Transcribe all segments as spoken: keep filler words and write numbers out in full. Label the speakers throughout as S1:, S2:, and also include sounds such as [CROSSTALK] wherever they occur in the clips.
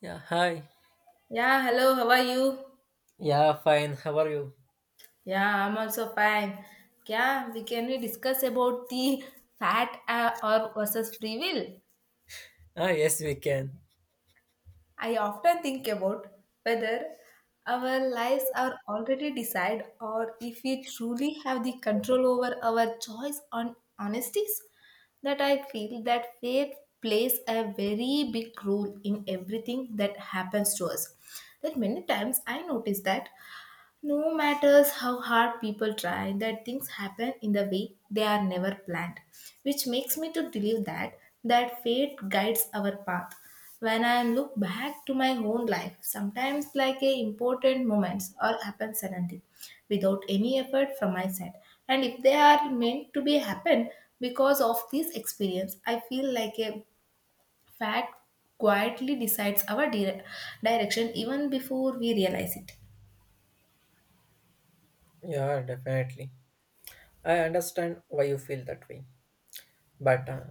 S1: Yeah, hi.
S2: Yeah, hello, how are you?
S1: Yeah, fine. How are you?
S2: Yeah, I'm also fine. Yeah, we can we discuss about the fat, uh, or versus free will.
S1: Ah, yes, we can.
S2: I often think about whether our lives are already decided or if we truly have the control over our choice on honesties, that I feel that fate plays a very big role in everything that happens to us. That many times I notice that no matters how hard people try, that things happen in the way they are never planned, which makes me to believe that that fate guides our path. When I look back to my own life, sometimes like a important moments all happen suddenly, without any effort from my side. And if they are meant to be happen because of this experience, I feel like a fact quietly decides our dire- direction even before we realize it.
S1: Yeah, definitely. I understand why you feel that way. But uh,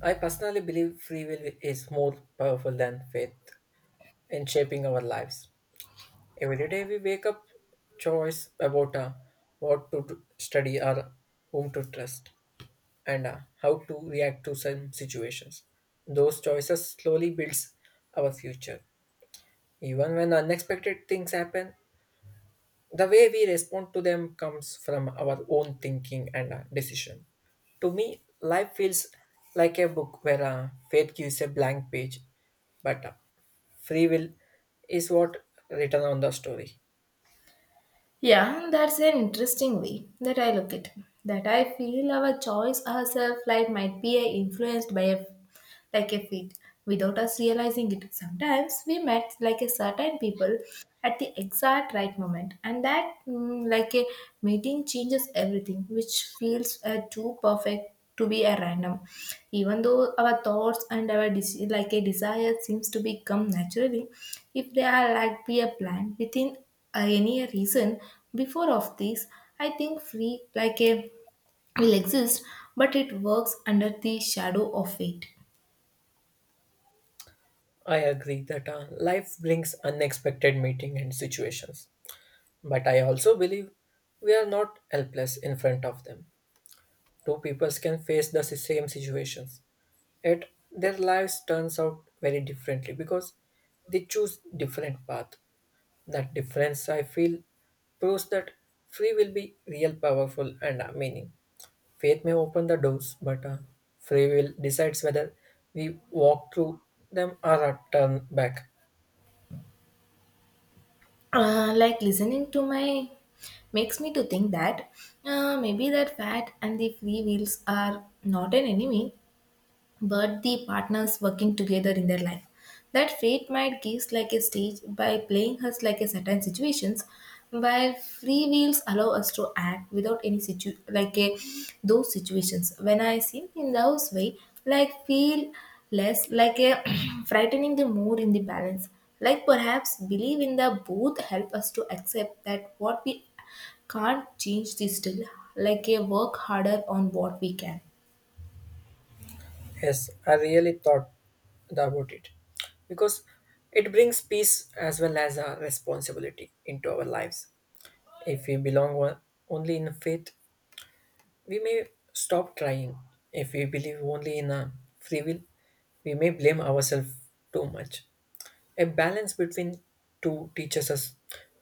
S1: I personally believe free will is more powerful than faith in shaping our lives. Every day we wake up, choice about uh, what to do- study or whom to trust and uh, how to react to some situations. Those choices slowly builds our future. Even when unexpected things happen, the way we respond to them comes from our own thinking and uh, decision. To me, life feels like a book where uh, fate gives a blank page, but uh, free will is what written on the story.
S2: Yeah, that's an interesting way that I look at, that I feel our choice ourselves like might be uh, influenced by a like a fit without us realizing it. Sometimes we met like a certain people at the exact right moment, and that mm, like a meeting changes everything, which feels uh, too perfect to be a random. Even though our thoughts and our desi- like a desire seems to become naturally, if they are like be a plan within uh, any reason before of this, I think free like a will exist, but it works under the shadow of fate.
S1: I agree that uh, life brings unexpected meeting and situations, but I also believe we are not helpless in front of them. Two peoples can face the same situations yet their lives turns out very differently because they choose different path. That difference I feel proves that free will be real powerful and uh, meaning. Faith may open the doors but uh, free will decides whether we walk through them or uh, turn back.
S2: Uh, like listening to my makes me to think that uh, maybe that fat and the free wheels are not an enemy but the partners working together in their life. That fate might gives like a stage by playing us like a certain situations, while free wheels allow us to act without any situ like a those situations. When I sing in those way, like feel less like a [CLEARS THROAT] frightening the more in the balance. Like perhaps believe in the both help us to accept that what we can't change this still like a work harder on what we can.
S1: Yes, I really thought about it because it brings peace as well as a responsibility into our lives. If we belong o- only in faith, we may stop trying. If we believe only in our free will, we may blame ourselves too much. A balance between two teaches us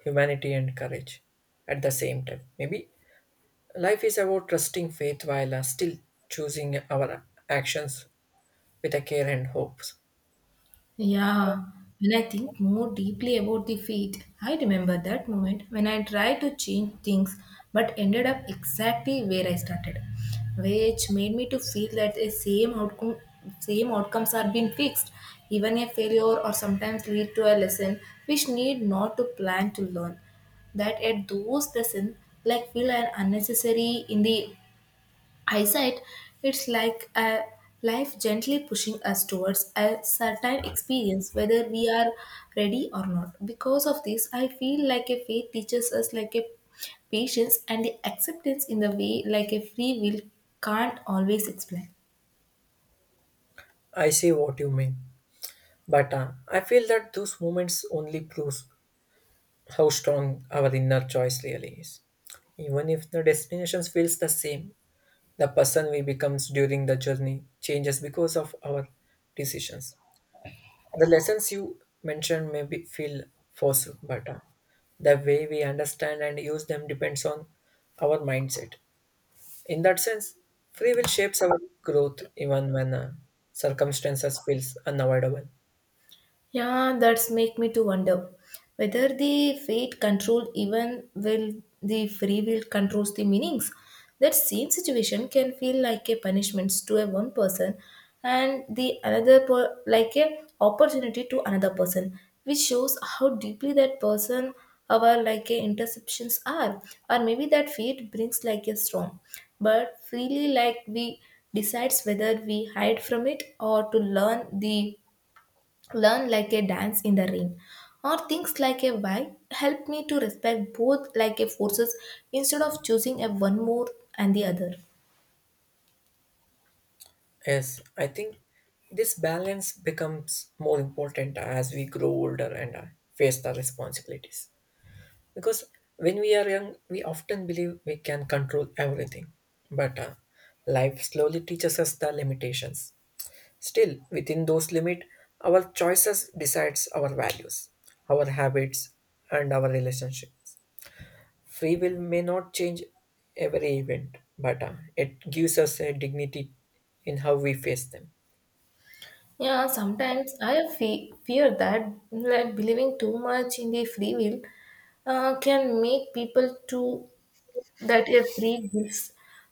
S1: humanity and courage at the same time. Maybe life is about trusting faith while uh, still choosing our actions with a care and hopes.
S2: Yeah, when I think more deeply about the fate, I remember that moment when I tried to change things but ended up exactly where I started, which made me to feel that the same outcome same outcomes are being fixed. Even a failure or sometimes lead to a lesson which need not to plan to learn. That at those lessons like feel an unnecessary in the hindsight, it's like a life gently pushing us towards a certain experience, whether we are ready or not. Because of this, I feel like a faith teaches us like a patience and the acceptance in the way like a free will can't always explain.
S1: I see what you mean, but uh, I feel that those moments only proves how strong our inner choice really is, even if the destinations feels the same. The person we becomes during the journey changes because of our decisions. The lessons you mentioned may be feel forced, but uh, the way we understand and use them depends on our mindset. In that sense, free will shapes our growth even when uh, circumstances feels unavoidable.
S2: Yeah, that's make me to wonder whether the fate control even will the free will controls the meanings. That same situation can feel like a punishment to a one person and the another per, like a opportunity to another person, which shows how deeply that person our like a interceptions are, or maybe that fate brings like a storm but freely like we decides whether we hide from it or to learn the learn like a dance in the rain, or things like a why help me to respect both like a forces instead of choosing a one more and the other.
S1: Yes, I think this balance becomes more important as we grow older and uh, face the responsibilities. Because when we are young, we often believe we can control everything. But uh, life slowly teaches us the limitations. Still, within those limits, our choices decides our values, our habits, and our relationships. Free will may not change every event, but uh, it gives us a dignity in how we face them.
S2: Yeah, sometimes I fe- fear that like believing too much in the free will uh, can make people to that a free gives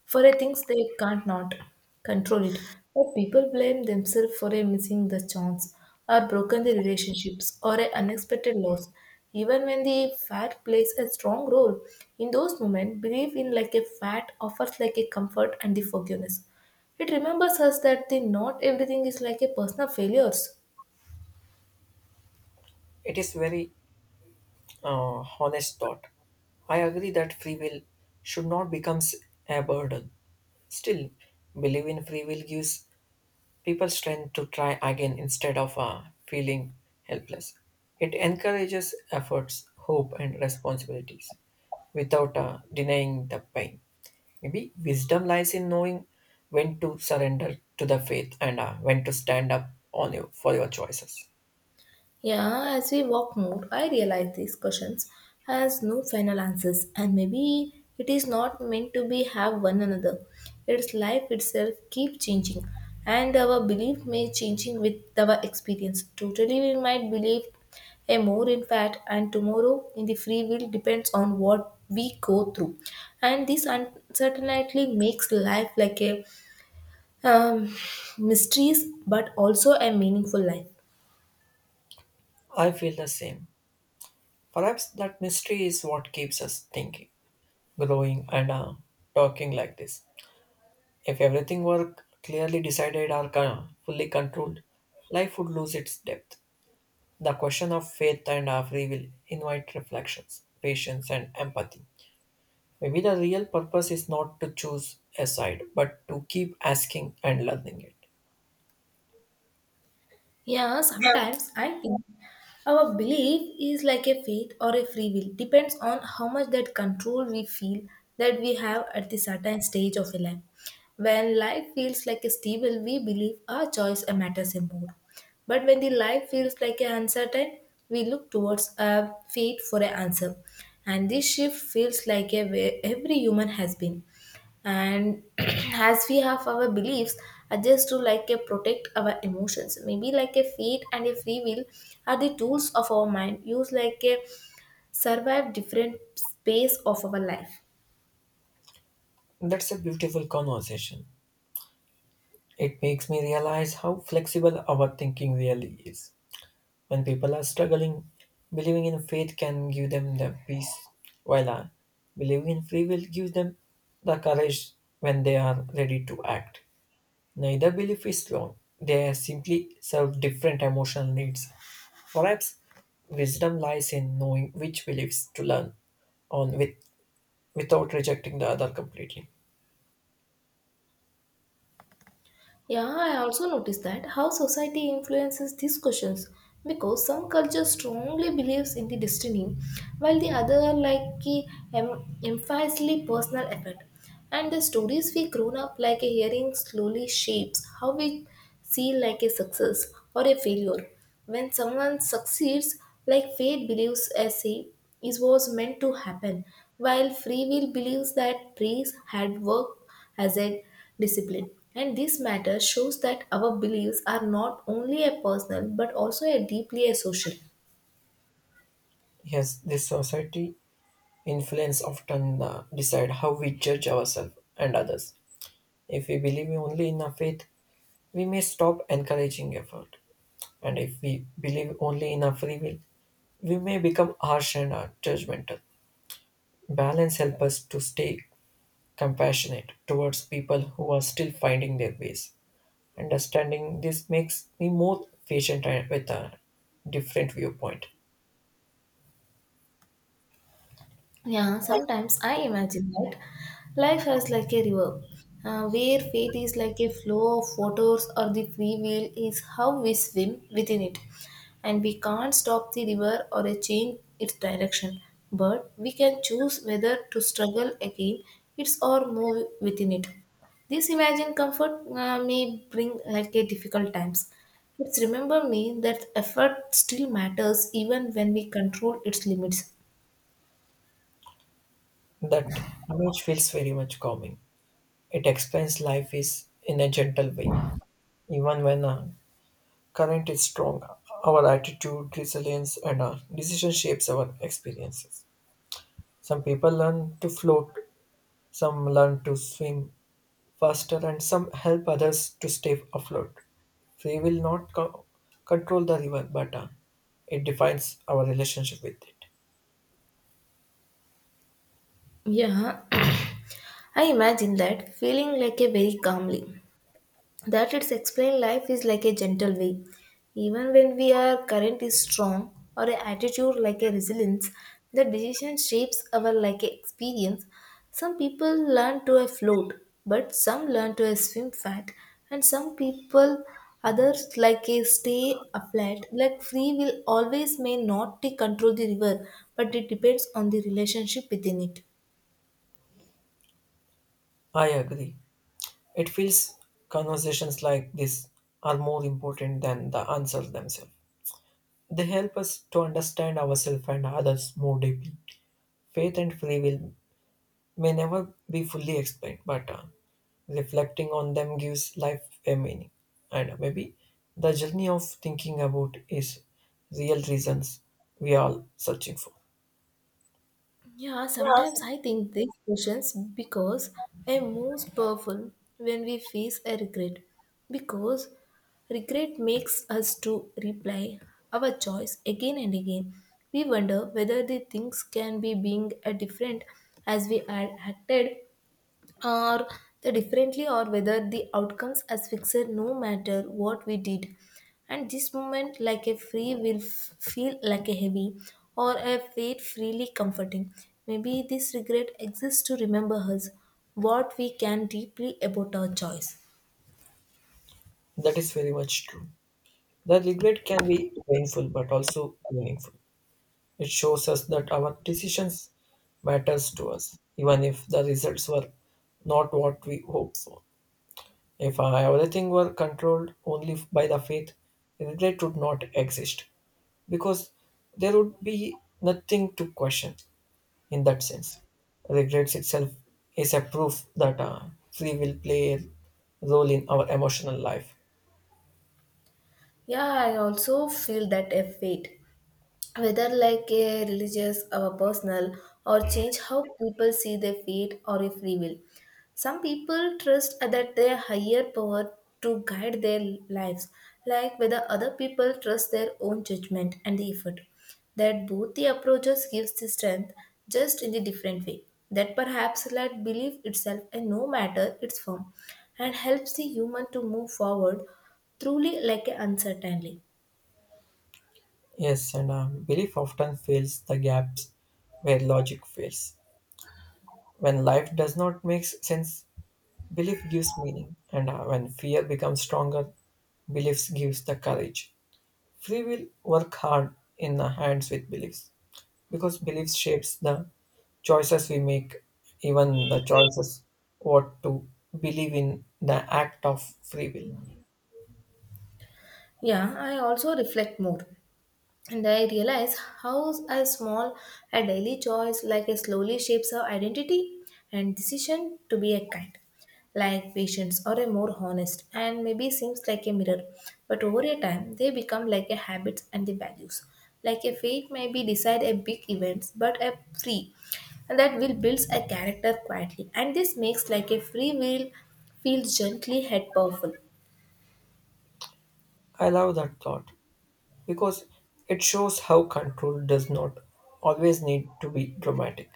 S2: for a things they can't not control it. But people blame themselves for a missing the chance, or broken the relationships, or a unexpected loss. Even when the fat plays a strong role, in those moments, belief in like a fat offers like a comfort and the forgiveness. It remembers us that the not everything is like a personal failures.
S1: It is very uh, honest thought. I agree that free will should not become a burden. Still, believe in free will gives people strength to try again instead of uh, feeling helpless. It encourages efforts, hope, and responsibilities without uh, denying the pain. Maybe wisdom lies in knowing when to surrender to the faith and uh, when to stand up on you for your choices.
S2: Yeah, as we walk more, I realize these questions has no final answers, and maybe it is not meant to be have one another. Its life itself keep changing, and our belief may changing with our experience. Totally, we might believe a more in fact, and tomorrow in the free will depends on what we go through, and this uncertainty makes life like a um, mysteries, but also a meaningful life.
S1: I feel the same. Perhaps that mystery is what keeps us thinking, growing, and uh, talking like this. If everything were clearly decided or con- fully controlled, life would lose its depth. The question of faith and uh, free will invite reflections, patience, and empathy. Maybe the real purpose is not to choose a side, but to keep asking and learning it.
S2: Yeah, sometimes I think our belief is like a faith or a free will, depends on how much that control we feel that we have at the certain stage of a life. When life feels like a stable, we believe our choice matters more. But when the life feels like an uncertain, we look towards a fate for an answer. And this shift feels like a way every human has been, and [CLEARS THROAT] as we have our beliefs adjust to like a protect our emotions, maybe like a fate and a free will are the tools of our mind used like a survive different space of our life.
S1: That's a beautiful conversation. It makes me realize how flexible our thinking really is. When people are struggling, believing in faith can give them the peace, while uh, believing in free will gives them the courage when they are ready to act. Neither belief is wrong, they simply serve different emotional needs. Perhaps wisdom lies in knowing which beliefs to learn on with, without rejecting the other completely.
S2: Yeah, I also noticed that how society influences these questions, because some culture strongly believes in the destiny while the other like the em- emphasizes personal effort, and the stories we grown up like hearing slowly shapes how we feel like a success or a failure. When someone succeeds, like fate believes as he is was meant to happen, while free will believes that praise had worked as a discipline. And this matter shows that our beliefs are not only a personal but also a deeply a social.
S1: Yes, this society influence often uh, decide how we judge ourselves and others. If we believe only in a faith, we may stop encouraging effort, and if we believe only in our free will, we may become harsh and uh, judgmental. Balance helps us to stay compassionate towards people who are still finding their ways. Understanding this makes me more patient and with a different viewpoint.
S2: Yeah, sometimes I imagine that life is like a river, uh, where fate is like a flow of waters, or the free will is how we swim within it. And we can't stop the river or a change its direction, but we can choose whether to struggle again its or move within it. This imagined comfort uh, may bring like a difficult times. It's remember me that effort still matters even when we control its limits.
S1: That image feels very much calming. It explains life is in a gentle way, even when uh, current is strong. Our attitude, resilience, and our decision shapes our experiences. Some people learn to float, some learn to swim faster, and some help others to stay afloat. Free will not co- control the river, but uh, it defines our relationship with it.
S2: Yeah, I imagine that feeling like a very calmly, that it's explained life is like a gentle wave. Even when we are current is strong or a attitude like a resilience, the decision shapes our like a experience. Some people learn to a float, but some learn to a swim fat, and some people others like a stay afloat. Like free will always may not to control the river, but it depends on the relationship within it.
S1: I agree. It feels conversations like this are more important than the answers themselves. They help us to understand ourselves and others more deeply. Faith and free will may never be fully explained, but uh, reflecting on them gives life a meaning. And maybe the journey of thinking about is real reasons we are all searching for.
S2: Yeah, sometimes I think these questions because are most powerful when we face a regret. Because regret makes us to replay our choice again and again. We wonder whether the things can be being a different, as we had acted or the differently, or whether the outcomes as fixed no matter what we did, and this moment like a free will f- feel like a heavy or a weight freely comforting. Maybe this regret exists to remember us what we can deeply about our choice.
S1: That is very much true. The regret can be painful but also meaningful. It shows us that our decisions matters to us, even if the results were not what we hoped for. If uh, everything were controlled only by the faith, regret would not exist, because there would be nothing to question in that sense. Regrets itself is a proof that uh, free will play a role in our emotional life.
S2: Yeah, I also feel that a weight whether like a religious or personal, or change how people see their fate or a free will. Some people trust that their higher power to guide their lives, like whether other people trust their own judgment and the effort, that both the approaches gives the strength just in the different way, that perhaps let belief itself, and no matter its form, and helps the human to move forward truly like a uncertainly.
S1: Yes, and uh, belief often fills the gaps where logic fails. When life does not make sense, belief gives meaning, and uh, when fear becomes stronger, beliefs gives the courage. Free will work hard in the hands with beliefs because beliefs shapes the choices we make, even the choices what to believe in, the act of free will.
S2: Yeah, I also reflect more. And I realize how a small a daily choice like a slowly shapes our identity, and decision to be a kind, like patience or a more honest, and maybe seems like a mirror. But over a time they become like a habits and the values. Like a fate may be decide a big events, but a free and that will builds a character quietly, and this makes like a free will feel gently yet powerful.
S1: I love that thought because it shows how control does not always need to be dramatic.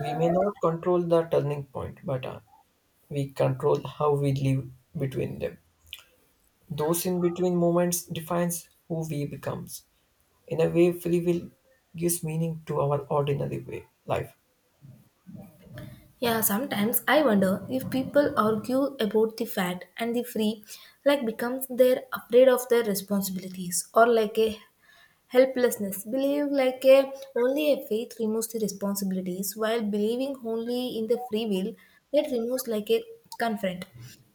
S1: We may not control the turning point, but uh, we control how we live between them. Those in between moments defines who we becomes. In a way, free will gives meaning to our ordinary way life.
S2: Yeah, sometimes I wonder if people argue about the fat and the free, like becomes they're afraid of their responsibilities or like a helplessness. Believe like a only a faith removes the responsibilities, while believing only in the free will that removes like a confront.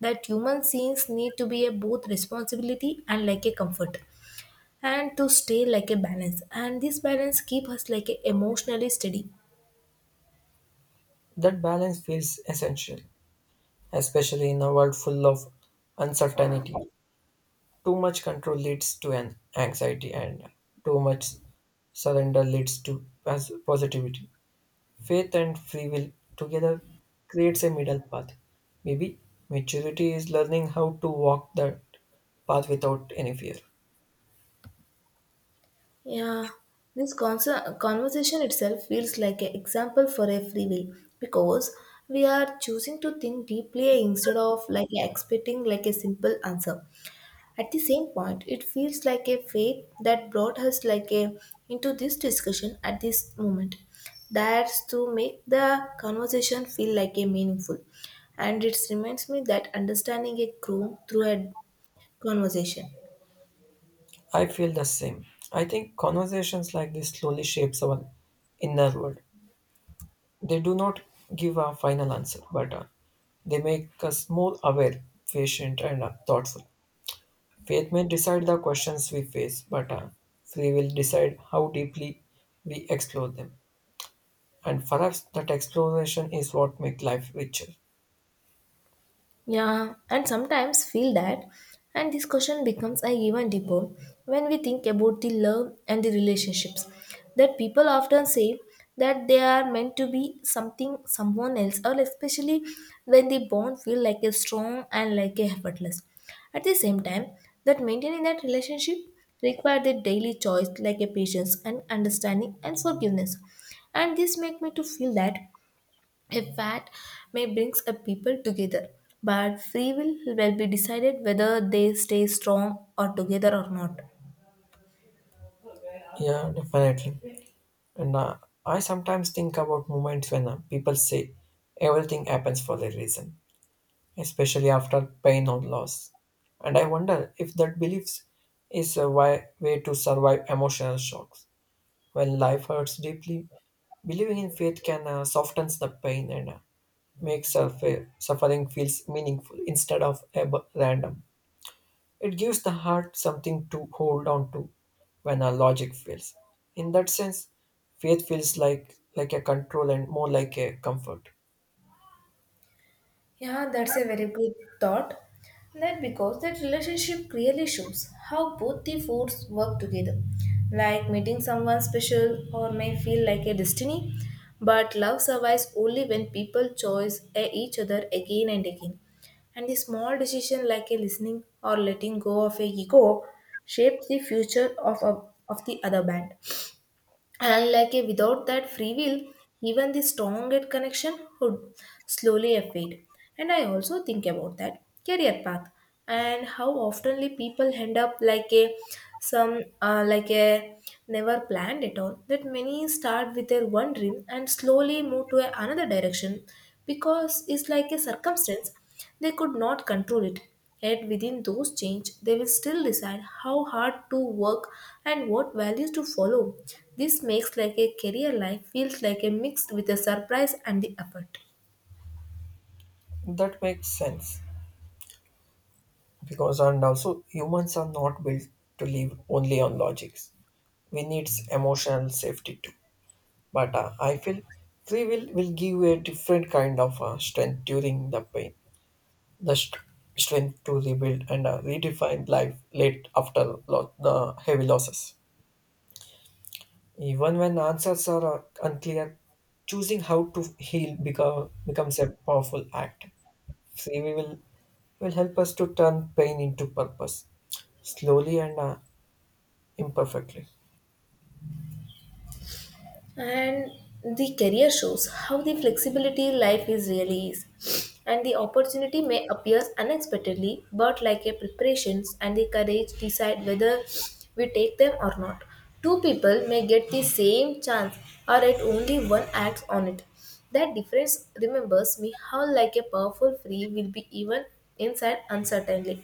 S2: That human beings need to be a both responsibility and like a comfort, and to stay like a balance. And this balance keep us like a emotionally steady.
S1: That balance feels essential, especially in a world full of uncertainty. Too much control leads to an anxiety, and too much surrender leads to pos- positivity. Faith and free will together creates a middle path. Maybe maturity is learning how to walk that path without any fear.
S2: Yeah, this conser- conversation itself feels like an example for a free will, because we are choosing to think deeply instead of like expecting like a simple answer. At the same point, it feels like a faith that brought us like a into this discussion at this moment. That's to make the conversation feel like a meaningful, and it reminds me that understanding it grew through a conversation.
S1: I feel the same. I think conversations like this slowly shapes our inner world. They do not give a final answer, but uh, they make us more aware, patient, and uh, thoughtful. Faith may decide the questions we face, but uh, free will decide how deeply we explore them. And for us, that exploration is what makes life richer.
S2: Yeah, and sometimes feel that, and this question becomes a even deeper when we think about the love and the relationships. That people often say that they are meant to be something, someone else, or especially when the bond feel like a strong and like a effortless. At the same time, that maintaining that relationship requires a daily choice like a patience and understanding and forgiveness. And this make me to feel that a fact may brings a people together, but free will will be decided whether they stay strong or together or not.
S1: Yeah, definitely. And uh, I sometimes think about moments when uh, people say everything happens for a reason, especially after pain or loss. And I wonder if that beliefs is a wi- way to survive emotional shocks. When life hurts deeply, believing in faith can uh, soften the pain and uh, make suffer- suffering feels meaningful instead of ab- random. It gives the heart something to hold on to when our logic fails. In that sense, faith feels like like a control and more like a comfort.
S2: Yeah, that's a very good thought. That because that relationship clearly shows how both the forces work together. Like meeting someone special or may feel like a destiny, but love survives only when people choose a- each other again and again. And the small decision like a listening or letting go of a ego shapes the future of, a, of the other band and like a, without that free will even the strongest connection would slowly fade. And I also think about that career path and how oftenly people end up like a some uh, like a never planned at all that many start with their one dream and slowly move to a another direction because it's like a circumstance they could not control it. Yet within those change, they will still decide how hard to work and what values to follow. This makes like a career life feels like a mix with a surprise and the effort.
S1: That makes sense, because and also humans are not built to live only on logics. We need emotional safety too, but uh, I feel free will will give a different kind of uh, strength during the pain, the st- strength to rebuild and uh, redefine life late after lo- the heavy losses. Even when answers are uh, unclear, choosing how to heal become, becomes a powerful act. Free will will help us to turn pain into purpose slowly and uh, imperfectly.
S2: And the career shows how the flexibility life is really is and the opportunity may appear unexpectedly but like a preparations and the courage decide whether we take them or not. Two people may get the same chance or at only one acts on it. That difference remembers me how like a powerful free will be even inside uncertainly.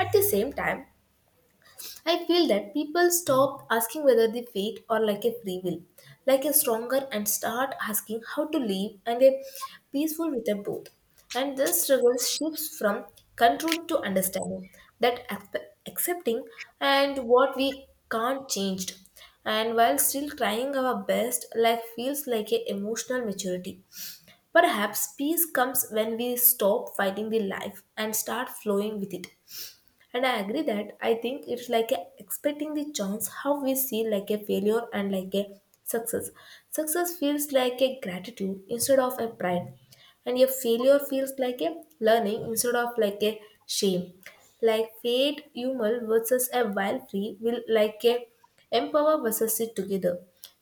S2: At the same time, I feel that people stop asking whether they fate or like a free will, like a stronger, and start asking how to live and a peaceful with a both. And this struggle shifts from control to understanding that accept- accepting and what we can't change. And while still trying our best, life feels like a emotional maturity. Perhaps peace comes when we stop fighting the life and start flowing with it. And I agree that I think it's like a expecting the chance how we see like a failure and like a success. Success feels like a gratitude instead of a pride, and your failure feels like a learning instead of like a shame, like fate human versus a wild free will, like a empower versus it together.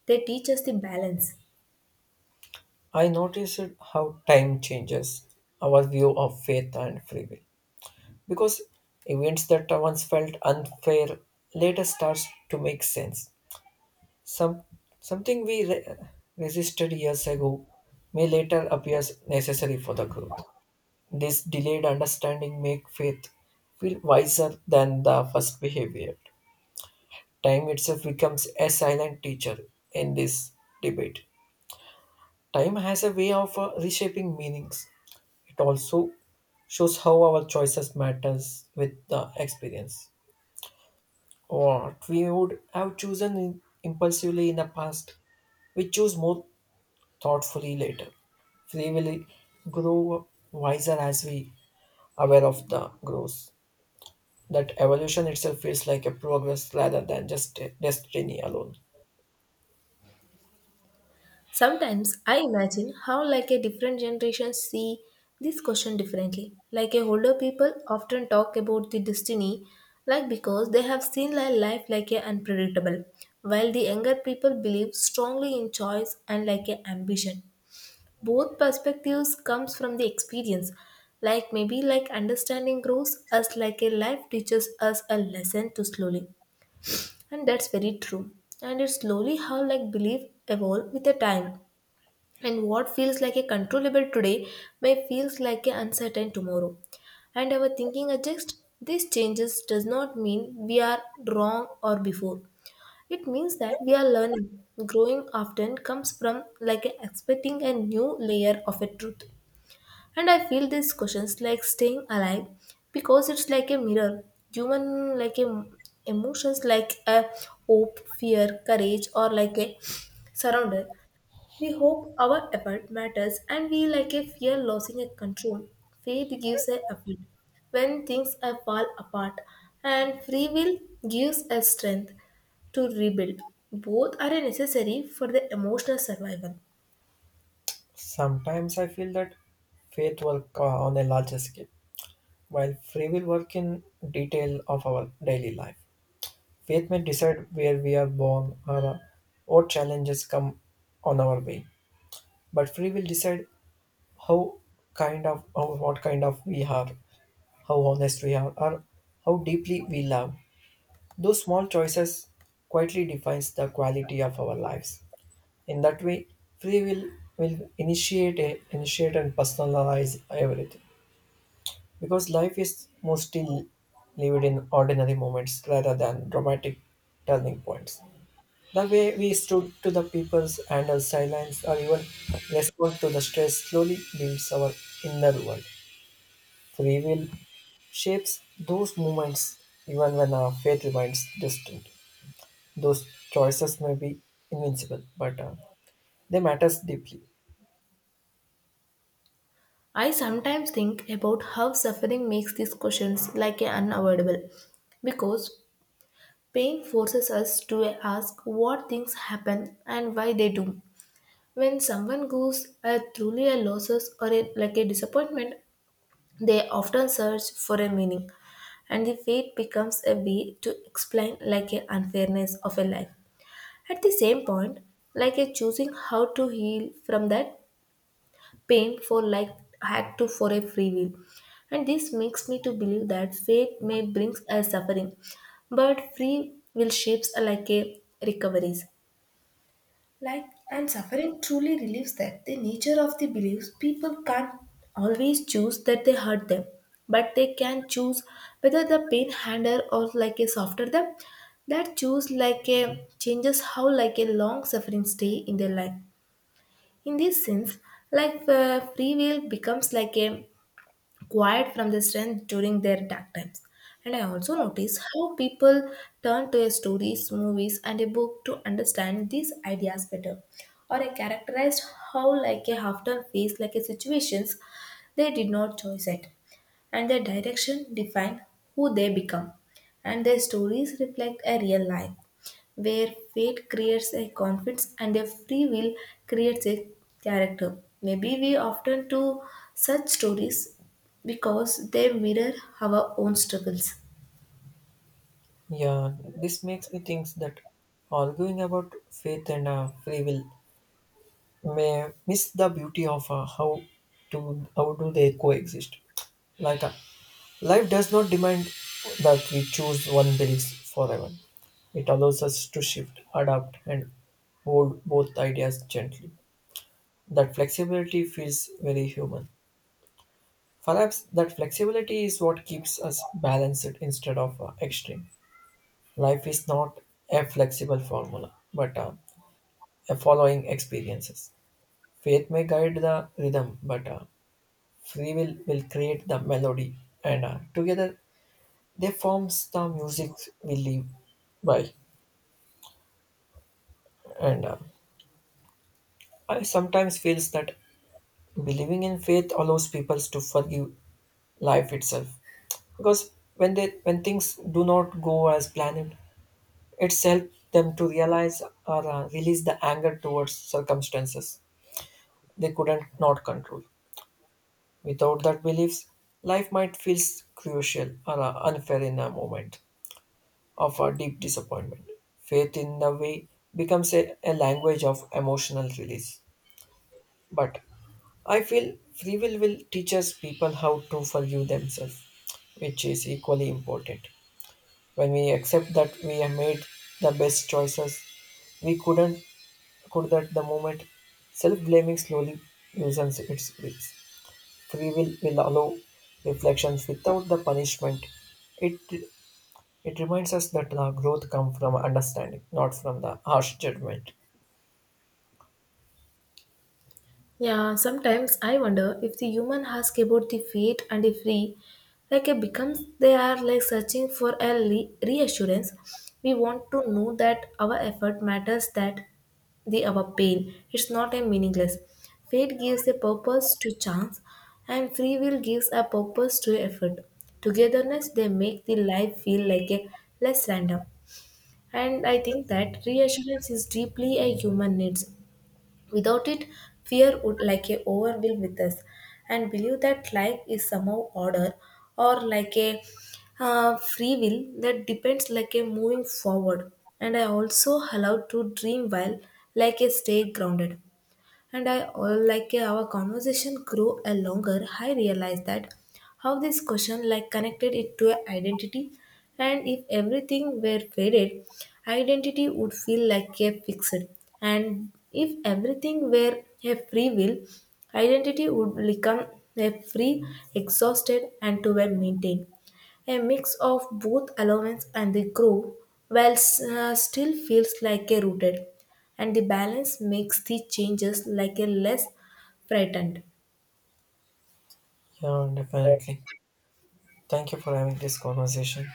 S2: They teach us the balance.
S1: I noticed how time changes our view of faith and free will because events that once felt unfair later starts to make sense. Some Something we re- resisted years ago may later appears necessary for the growth. This delayed understanding make faith feel wiser than the first behavior. Time itself becomes a silent teacher in this debate. Time has a way of uh, reshaping meanings. It also shows how our choices matters with the experience. What we would have chosen in- impulsively in the past, we choose more thoughtfully later. We will grow wiser as we aware of the growth. That evolution itself feels like a progress rather than just a destiny alone.
S2: Sometimes I imagine how like a different generation see this question differently. Like a older people often talk about the destiny like because they have seen li- life like a unpredictable, while the younger people believe strongly in choice and like a ambition. Both perspectives comes from the experience. Like maybe like understanding grows as like a life teaches us a lesson too slowly. And that's very true. And it's slowly how like belief evolve with the time, and what feels like a controllable today may feels like an uncertain tomorrow. And our thinking adjusts. These changes does not mean we are wrong or before. It means that we are learning. Growing often comes from like a expecting a new layer of a truth. And I feel these questions like staying alive because it's like a mirror. Human like a, emotions like a hope, fear, courage, or like a surrender. We hope our effort matters and we like a fear losing a control. Faith gives a effort when things are fall apart, and free will gives us strength to rebuild. Both are necessary for the emotional survival.
S1: Sometimes I feel that faith work uh, on a larger scale, while free will work in detail of our daily life. Faith may decide where we are born or uh, what challenges come on our way, but free will decide how kind of how, what kind of we are, how honest we are, or how deeply we love. Those small choices quietly defines the quality of our lives. In that way, free will will initiate a, initiate and personalize everything, because life is mostly lived in ordinary moments rather than dramatic turning points. The way we stood to the peoples and our silence or even respond to the stress slowly builds our inner world. Free will shapes those moments even when our fate remains distant. Those choices may be invincible, but uh, they matters deeply.
S2: I sometimes think about how suffering makes these questions like a unavoidable because pain forces us to ask what things happen and why they do. When someone goes uh, truly a losses or a, like a disappointment, they often search for a meaning, and the fate becomes a way to explain like a unfairness of a life. At the same point, like a choosing how to heal from that pain for like act to for a free will, and this makes me to believe that fate may brings a suffering, but free will shapes are like a recoveries. Like, and suffering truly relieves that. The nature of the beliefs, people can't always choose that they hurt them, but they can choose whether the pain handle or like a softer them. That choose like a changes how like a long suffering stay in their life. In this sense, like uh, free will becomes like a quiet from the strength during their dark times. And I also notice how people turn to a stories, movies, and a book to understand these ideas better. Or I characterized how like a half-term face like a situations they did not choose it and their direction define who they become. And their stories reflect a real life where fate creates a confidence and a free will creates a character. Maybe we often do such stories because they mirror our own struggles.
S1: Yeah, this makes me think that arguing about faith and uh, free will may miss the beauty of uh, how to how do they coexist. Like uh, Life does not demand that we choose one belief forever. It allows us to shift, adapt, and hold both ideas gently. That flexibility feels very human. Perhaps that flexibility is what keeps us balanced instead of uh, extreme. Life is not a flexible formula, but uh, a following experiences. Faith may guide the rhythm, but uh, free will will create the melody, and uh, together they forms the music we live by, and uh, I sometimes feels that believing in faith allows people to forgive life itself, because when they when things do not go as planned, it's helped them to realize or uh, release the anger towards circumstances they couldn't not control. Without that beliefs, life might feel crucial or uh, unfair in a moment of a deep disappointment. Faith in the way becomes a, a language of emotional release. But I feel free will will teaches people how to forgive themselves, which is equally important. When we accept that we have made the best choices we couldn't could at the moment, self blaming slowly loosens its grips. Free will will allow reflections without the punishment it it reminds us that the growth comes from understanding, not from the harsh judgment.
S2: Yeah, sometimes I wonder if the human ask about the fate and the free, like it becomes they are like searching for a le- reassurance. We want to know that our effort matters, that the our pain it's not a meaningless. Fate gives a purpose to chance, and free will gives a purpose to effort. Togetherness they make the life feel like a less random, and I think that reassurance is deeply a human needs. Without it, fear would like a overwhelm with us and believe that life is somehow order or like a uh, free will that depends like a moving forward. And I also allowed to dream while like a stay grounded. And I all like uh, our conversation grew a longer, I realized that how this question like connected it to a identity, and if everything were faded, identity would feel like a fixed, and if everything were a free will, identity would become a free, exhausted and to be maintained a mix of both allowance and the grow while s- uh, still feels like a rooted. And the balance makes the changes like a less frightened.
S1: Yeah, definitely. Thank you for having this conversation.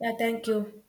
S2: Yeah, thank you.